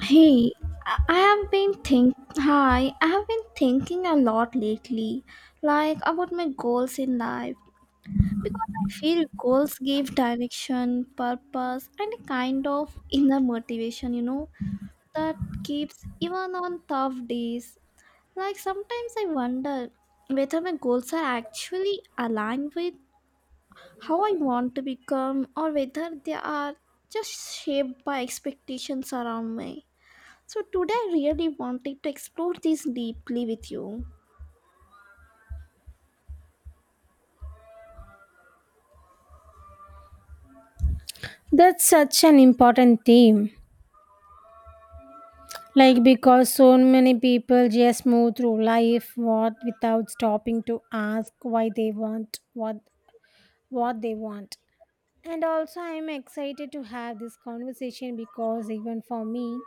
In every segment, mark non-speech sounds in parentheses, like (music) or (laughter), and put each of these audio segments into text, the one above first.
Hey, I I have been think I have been thinking a lot lately, like about my goals in life because I feel goals give direction, purpose and a kind of inner motivation, you know, that keeps even on tough days. Like sometimes I wonder whether my goals are actually aligned with how I want to become or whether they are just shaped by expectations around me. So today I really wanted to explore this deeply with you. That's such an important theme. Like because so many people just move through life what without stopping to ask why they want what they want. And also I'm excited to have this conversation because even for me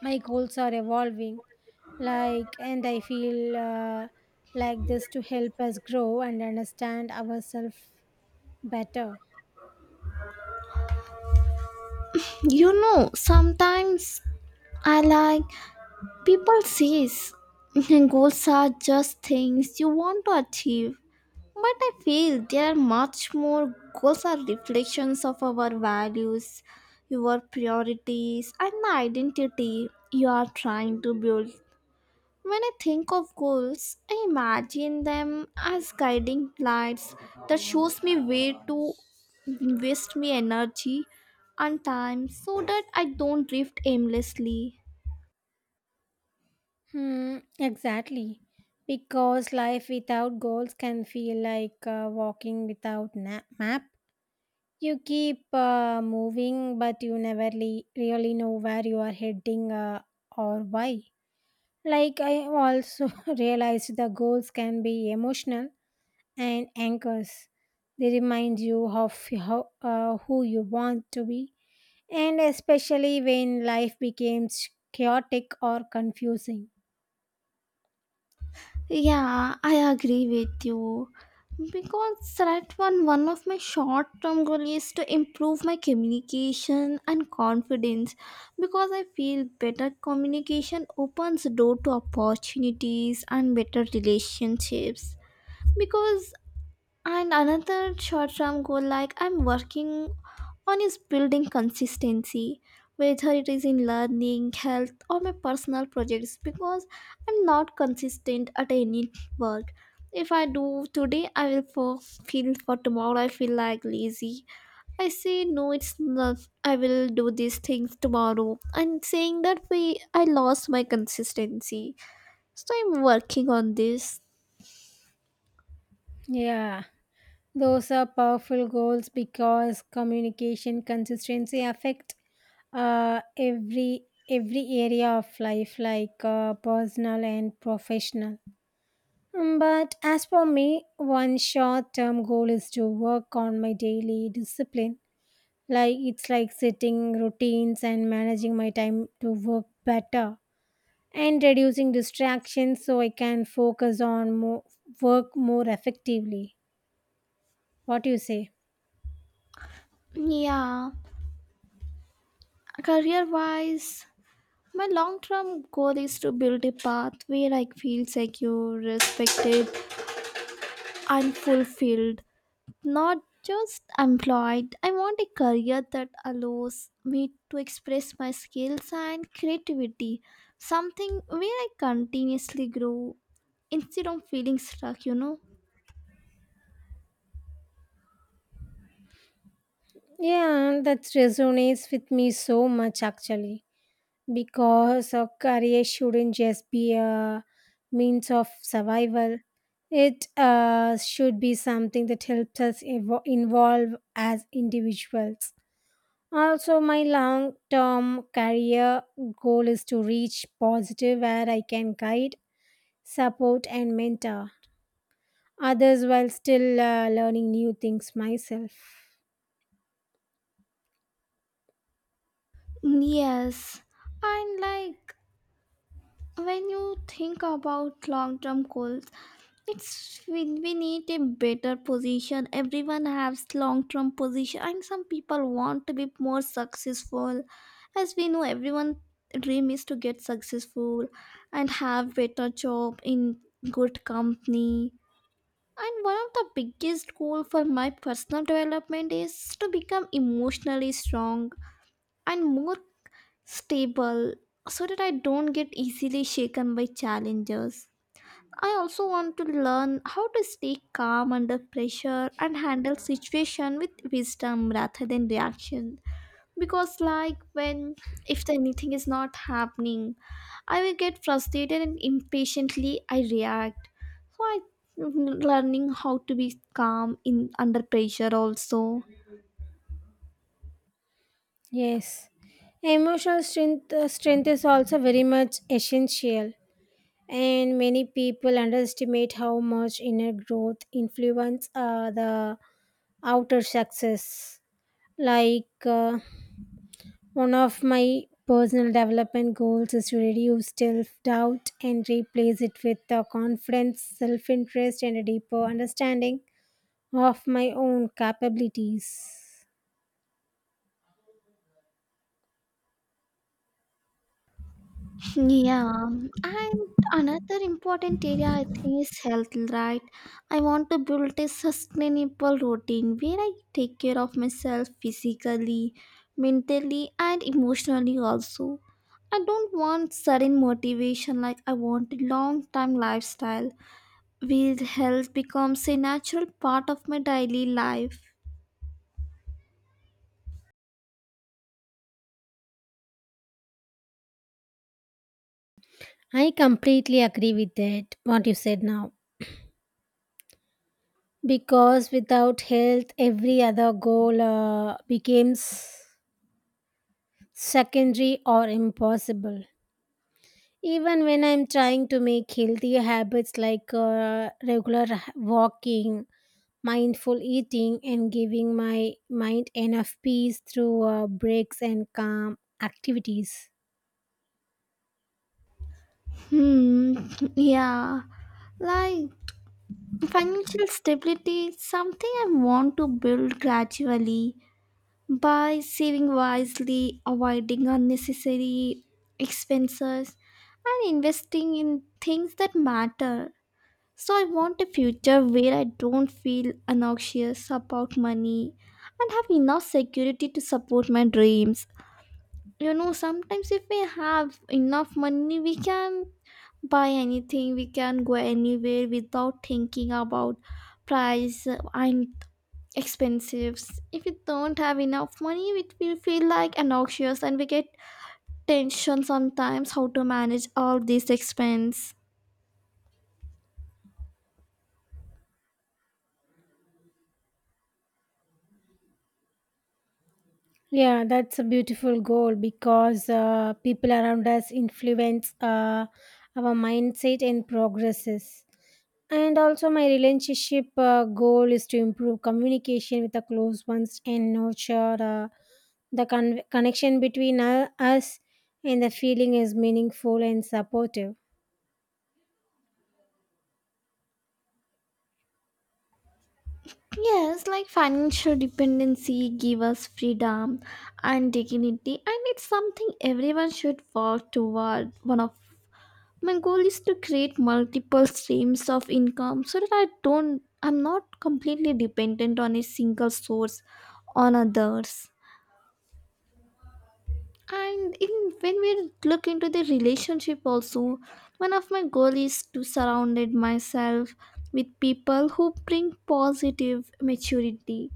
my goals are evolving like and I feel like this to help us grow and understand ourselves better. You know, sometimes I like people says (laughs) goals are just things you want to achieve. But I feel they are much more. Goals are reflections of our values, your priorities and the identity you are trying to build. When I think of goals, I imagine them as guiding lights that shows me where to invest my energy and time so that I don't drift aimlessly. Hmm, exactly. Because life without goals can feel like walking without map. You keep moving, but you never really know where you are heading or why. Like, I also (laughs) realized the goals can be emotional and anchors. They remind you of how, who you want to be, and especially when life becomes chaotic or confusing. Yeah, I agree with you. Because that one of my short term goal is to improve my communication and confidence because I feel better communication opens door to opportunities and better relationships because. And another short term goal, like I'm working on, is building consistency, whether it is in learning, health, or my personal projects, because I'm not consistent at any work. If I do today, feel for tomorrow, I feel like lazy. I say, no, it's not, I will do these things tomorrow. And saying that way, I lost my consistency. So I'm working on this. Yeah. Those are powerful goals because communication consistency affect uh, every every area of life, like personal and professional. Mm, but as for me, one short-term goal is to work on my daily discipline. Like it's like setting routines and managing my time to work better and reducing distractions so I can focus on more work more effectively. What do you say? Yeah. Career wise, my long term goal is to build a path where I feel secure, respected, and fulfilled. Not just employed. I want a career that allows me to express my skills and creativity. Something where I continuously grow instead of feeling stuck, you know? Yeah, that resonates with me so much actually because a career shouldn't just be a means of survival. It should be something that helps us evolve as individuals. Also, my long term career goal is to reach positive where I can guide, support, and mentor others while still learning new things myself. Yes. And like when you think about long term goals, it's we need a better position. Everyone has long term position, and some people want to be more successful. As we know, everyone dream is to get successful and have better job in good company. And one of the biggest goal for my personal development is to become emotionally strong and more stable, so that I don't get easily shaken by challenges. I also want to learn how to stay calm under pressure and handle situation with wisdom rather than reaction. Because like when if anything is not happening, I will get frustrated and impatiently I react. So I, learning how to be calm in under pressure also. Yes, emotional strength is also very much essential, and many people underestimate how much inner growth influence the outer success. Like uh, one of my personal development goals is to reduce self doubt and replace it with confidence, self interest, and a deeper understanding of my own capabilities. Yeah, and another important area I think is health, right? I want to build a sustainable routine where I take care of myself physically, mentally, and emotionally also. I don't want sudden motivation, like I want a long time lifestyle where health becomes a natural part of my daily life. I completely agree with that. What you said now, because without health every other goal becomes secondary or impossible even when I'm trying to make healthy habits like regular walking, mindful eating, and giving my mind enough peace through breaks and calm activities. Hmm. (laughs) Yeah. Like financial stability is something I want to build gradually by saving wisely, avoiding unnecessary expenses, and investing in things that matter. So, I want a future where I don't feel anxious about money and have enough security to support my dreams. You know, sometimes if we have enough money we can buy anything, we can go anywhere without thinking about price and expenses. If we don't have enough money we will feel like anxious and we get tension sometimes how to manage all these expense. Yeah, that's a beautiful goal because people around us influence our mindset and progresses. And also, my relationship goal is to improve communication with the close ones and nurture the connection between us, and the feeling is meaningful and supportive. Yes, like financial dependency give us freedom and dignity, and it's something everyone should work toward. One of my goal is to create multiple streams of income so that I'm not completely dependent on a single source, on others. And in when we look into the relationship also, one of my goal is to surround myself with people who bring positive maturity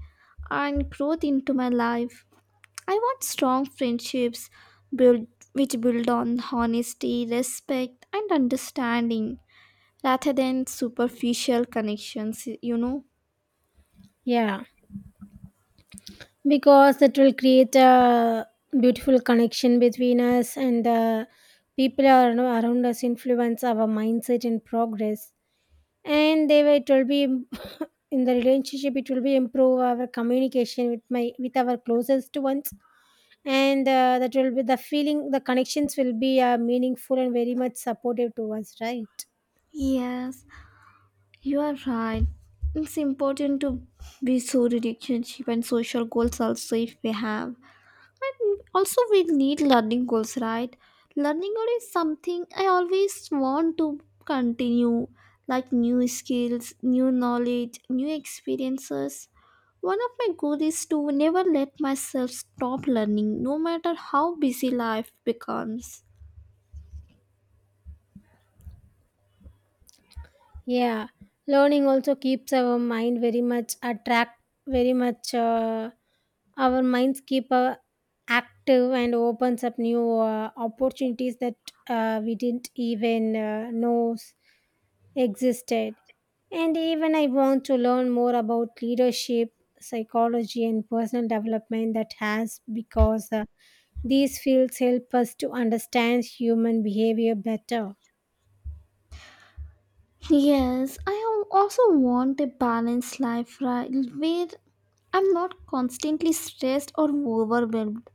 and growth into my life. I want strong friendships build, which build on honesty, respect and understanding rather than superficial connections, you know? Yeah, because it will create a beautiful connection between us, and the people are, you know, around us, influence our mindset and progress. And they will, it will be in the relationship, it will be improve our communication with my with our closest ones and that will be the feeling, the connections will be meaningful and very much supportive to us, right? Yes, you are right. It's important to be so relationship and social goals also if we have. But also we need learning goals, right? Learning goal is something I always want to continue, like new skills, new knowledge, new experiences. One of my goals is to never let myself stop learning, no matter how busy life becomes. Yeah, learning also keeps our mind very much attract, very much our minds keep active and opens up new opportunities that we didn't even know existed. And even I want to learn more about leadership, psychology, and personal development that has because these fields help us to understand human behavior better. Yes, I also want a balanced life, right, where I'm not constantly stressed or overwhelmed,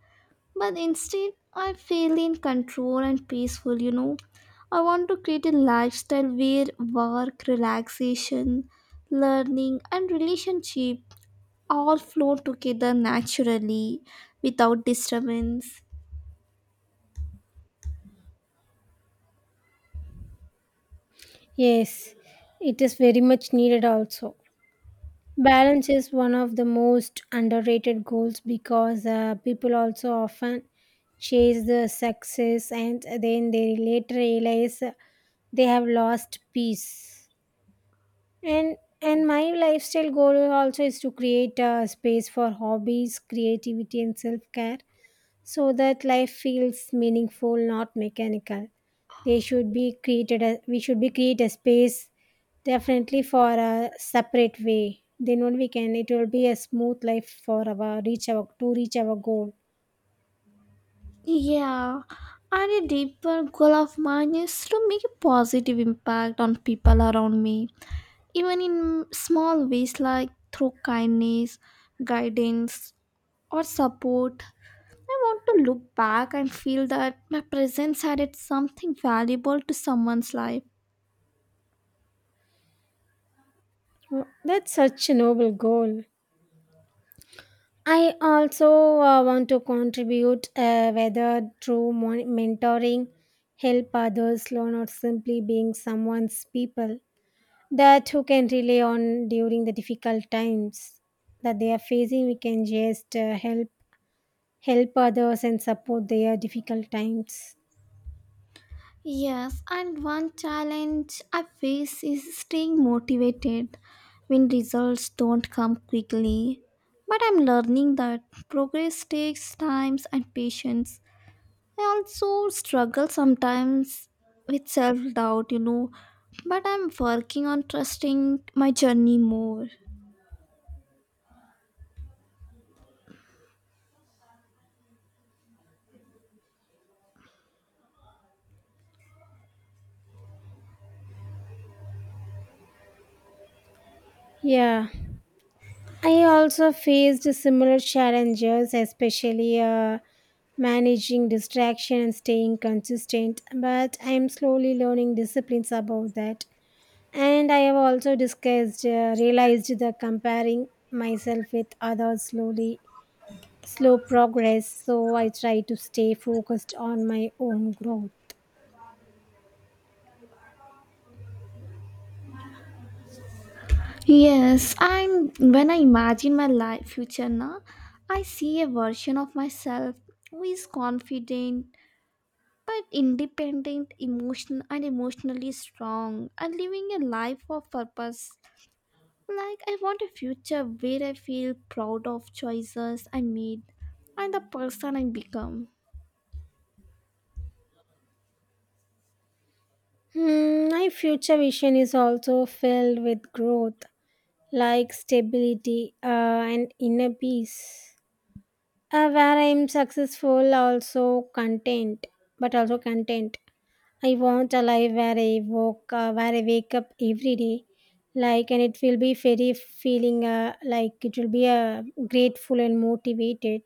but instead I feel in control and peaceful, you know. I want to create a lifestyle where work, relaxation, learning, and relationship all flow together naturally without disturbance. Yes, it is very much needed also. Balance is one of the most underrated goals because people also often chase the success and then they later realize they have lost peace. And my lifestyle goal also is to create a space for hobbies, creativity, and self-care so that life feels meaningful, not mechanical. They should be created a, we should be create a space definitely for a separate way, then only we can, it will be a smooth life for our reach our to reach our goal. Yeah, and a deeper goal of mine is to make a positive impact on people around me, even in small ways like through kindness, guidance, or support. I want to look back and feel that my presence added something valuable to someone's life. Oh, that's such a noble goal. I also want to contribute, whether through mentoring, help others learn, or simply being someone's people that who can rely on during the difficult times that they are facing. We can just help others and support their difficult times. Yes, and one challenge I face is staying motivated when results don't come quickly. But I'm learning that progress takes time and patience. I also struggle sometimes with self doubt, you know, but I'm working on trusting my journey more. Yeah. I also faced similar challenges, especially managing distraction and staying consistent, but I am slowly learning disciplines about that. And I have also discussed, realized the comparing myself with others slowly, slow progress, so I try to stay focused on my own growth. Yes, and when I imagine my life future now, I see a version of myself who is confident but independent, emotional and emotionally strong and living a life of purpose. Like I want a future where I feel proud of choices I made and the person I become. Hmm, my future vision is also filled with growth, like stability and inner peace, where I'm successful, also content, but also content. I want a life where I woke, where I wake up every day, like, and it will be very feeling like it will be grateful and motivated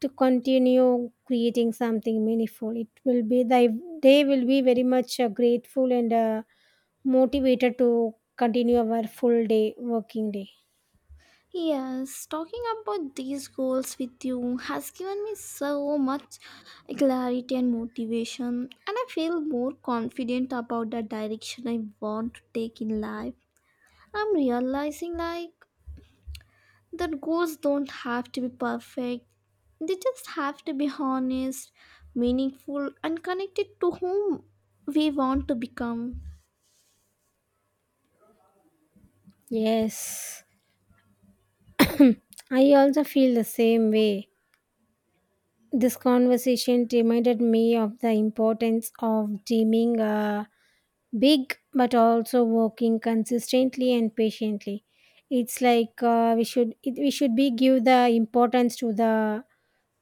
to continue creating something meaningful. It will be the day will be very much grateful and motivated to continue our full day working day. Yes, talking about these goals with you has given me so much clarity and motivation, and I feel more confident about the direction I want to take in life. I'm realizing like that goals don't have to be perfect, they just have to be honest, meaningful, and connected to whom we want to become. Yes, I also feel the same way. This conversation reminded me of the importance of dreaming big but also working consistently and patiently. It's like we should it, we should be give the importance to the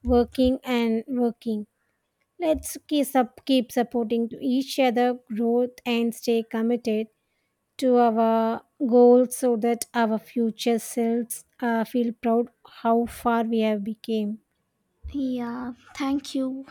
working and working. Let's keep, keep supporting to each other growth and stay committed to our goals so that our future selves feel proud how far we have become. Yeah, thank you.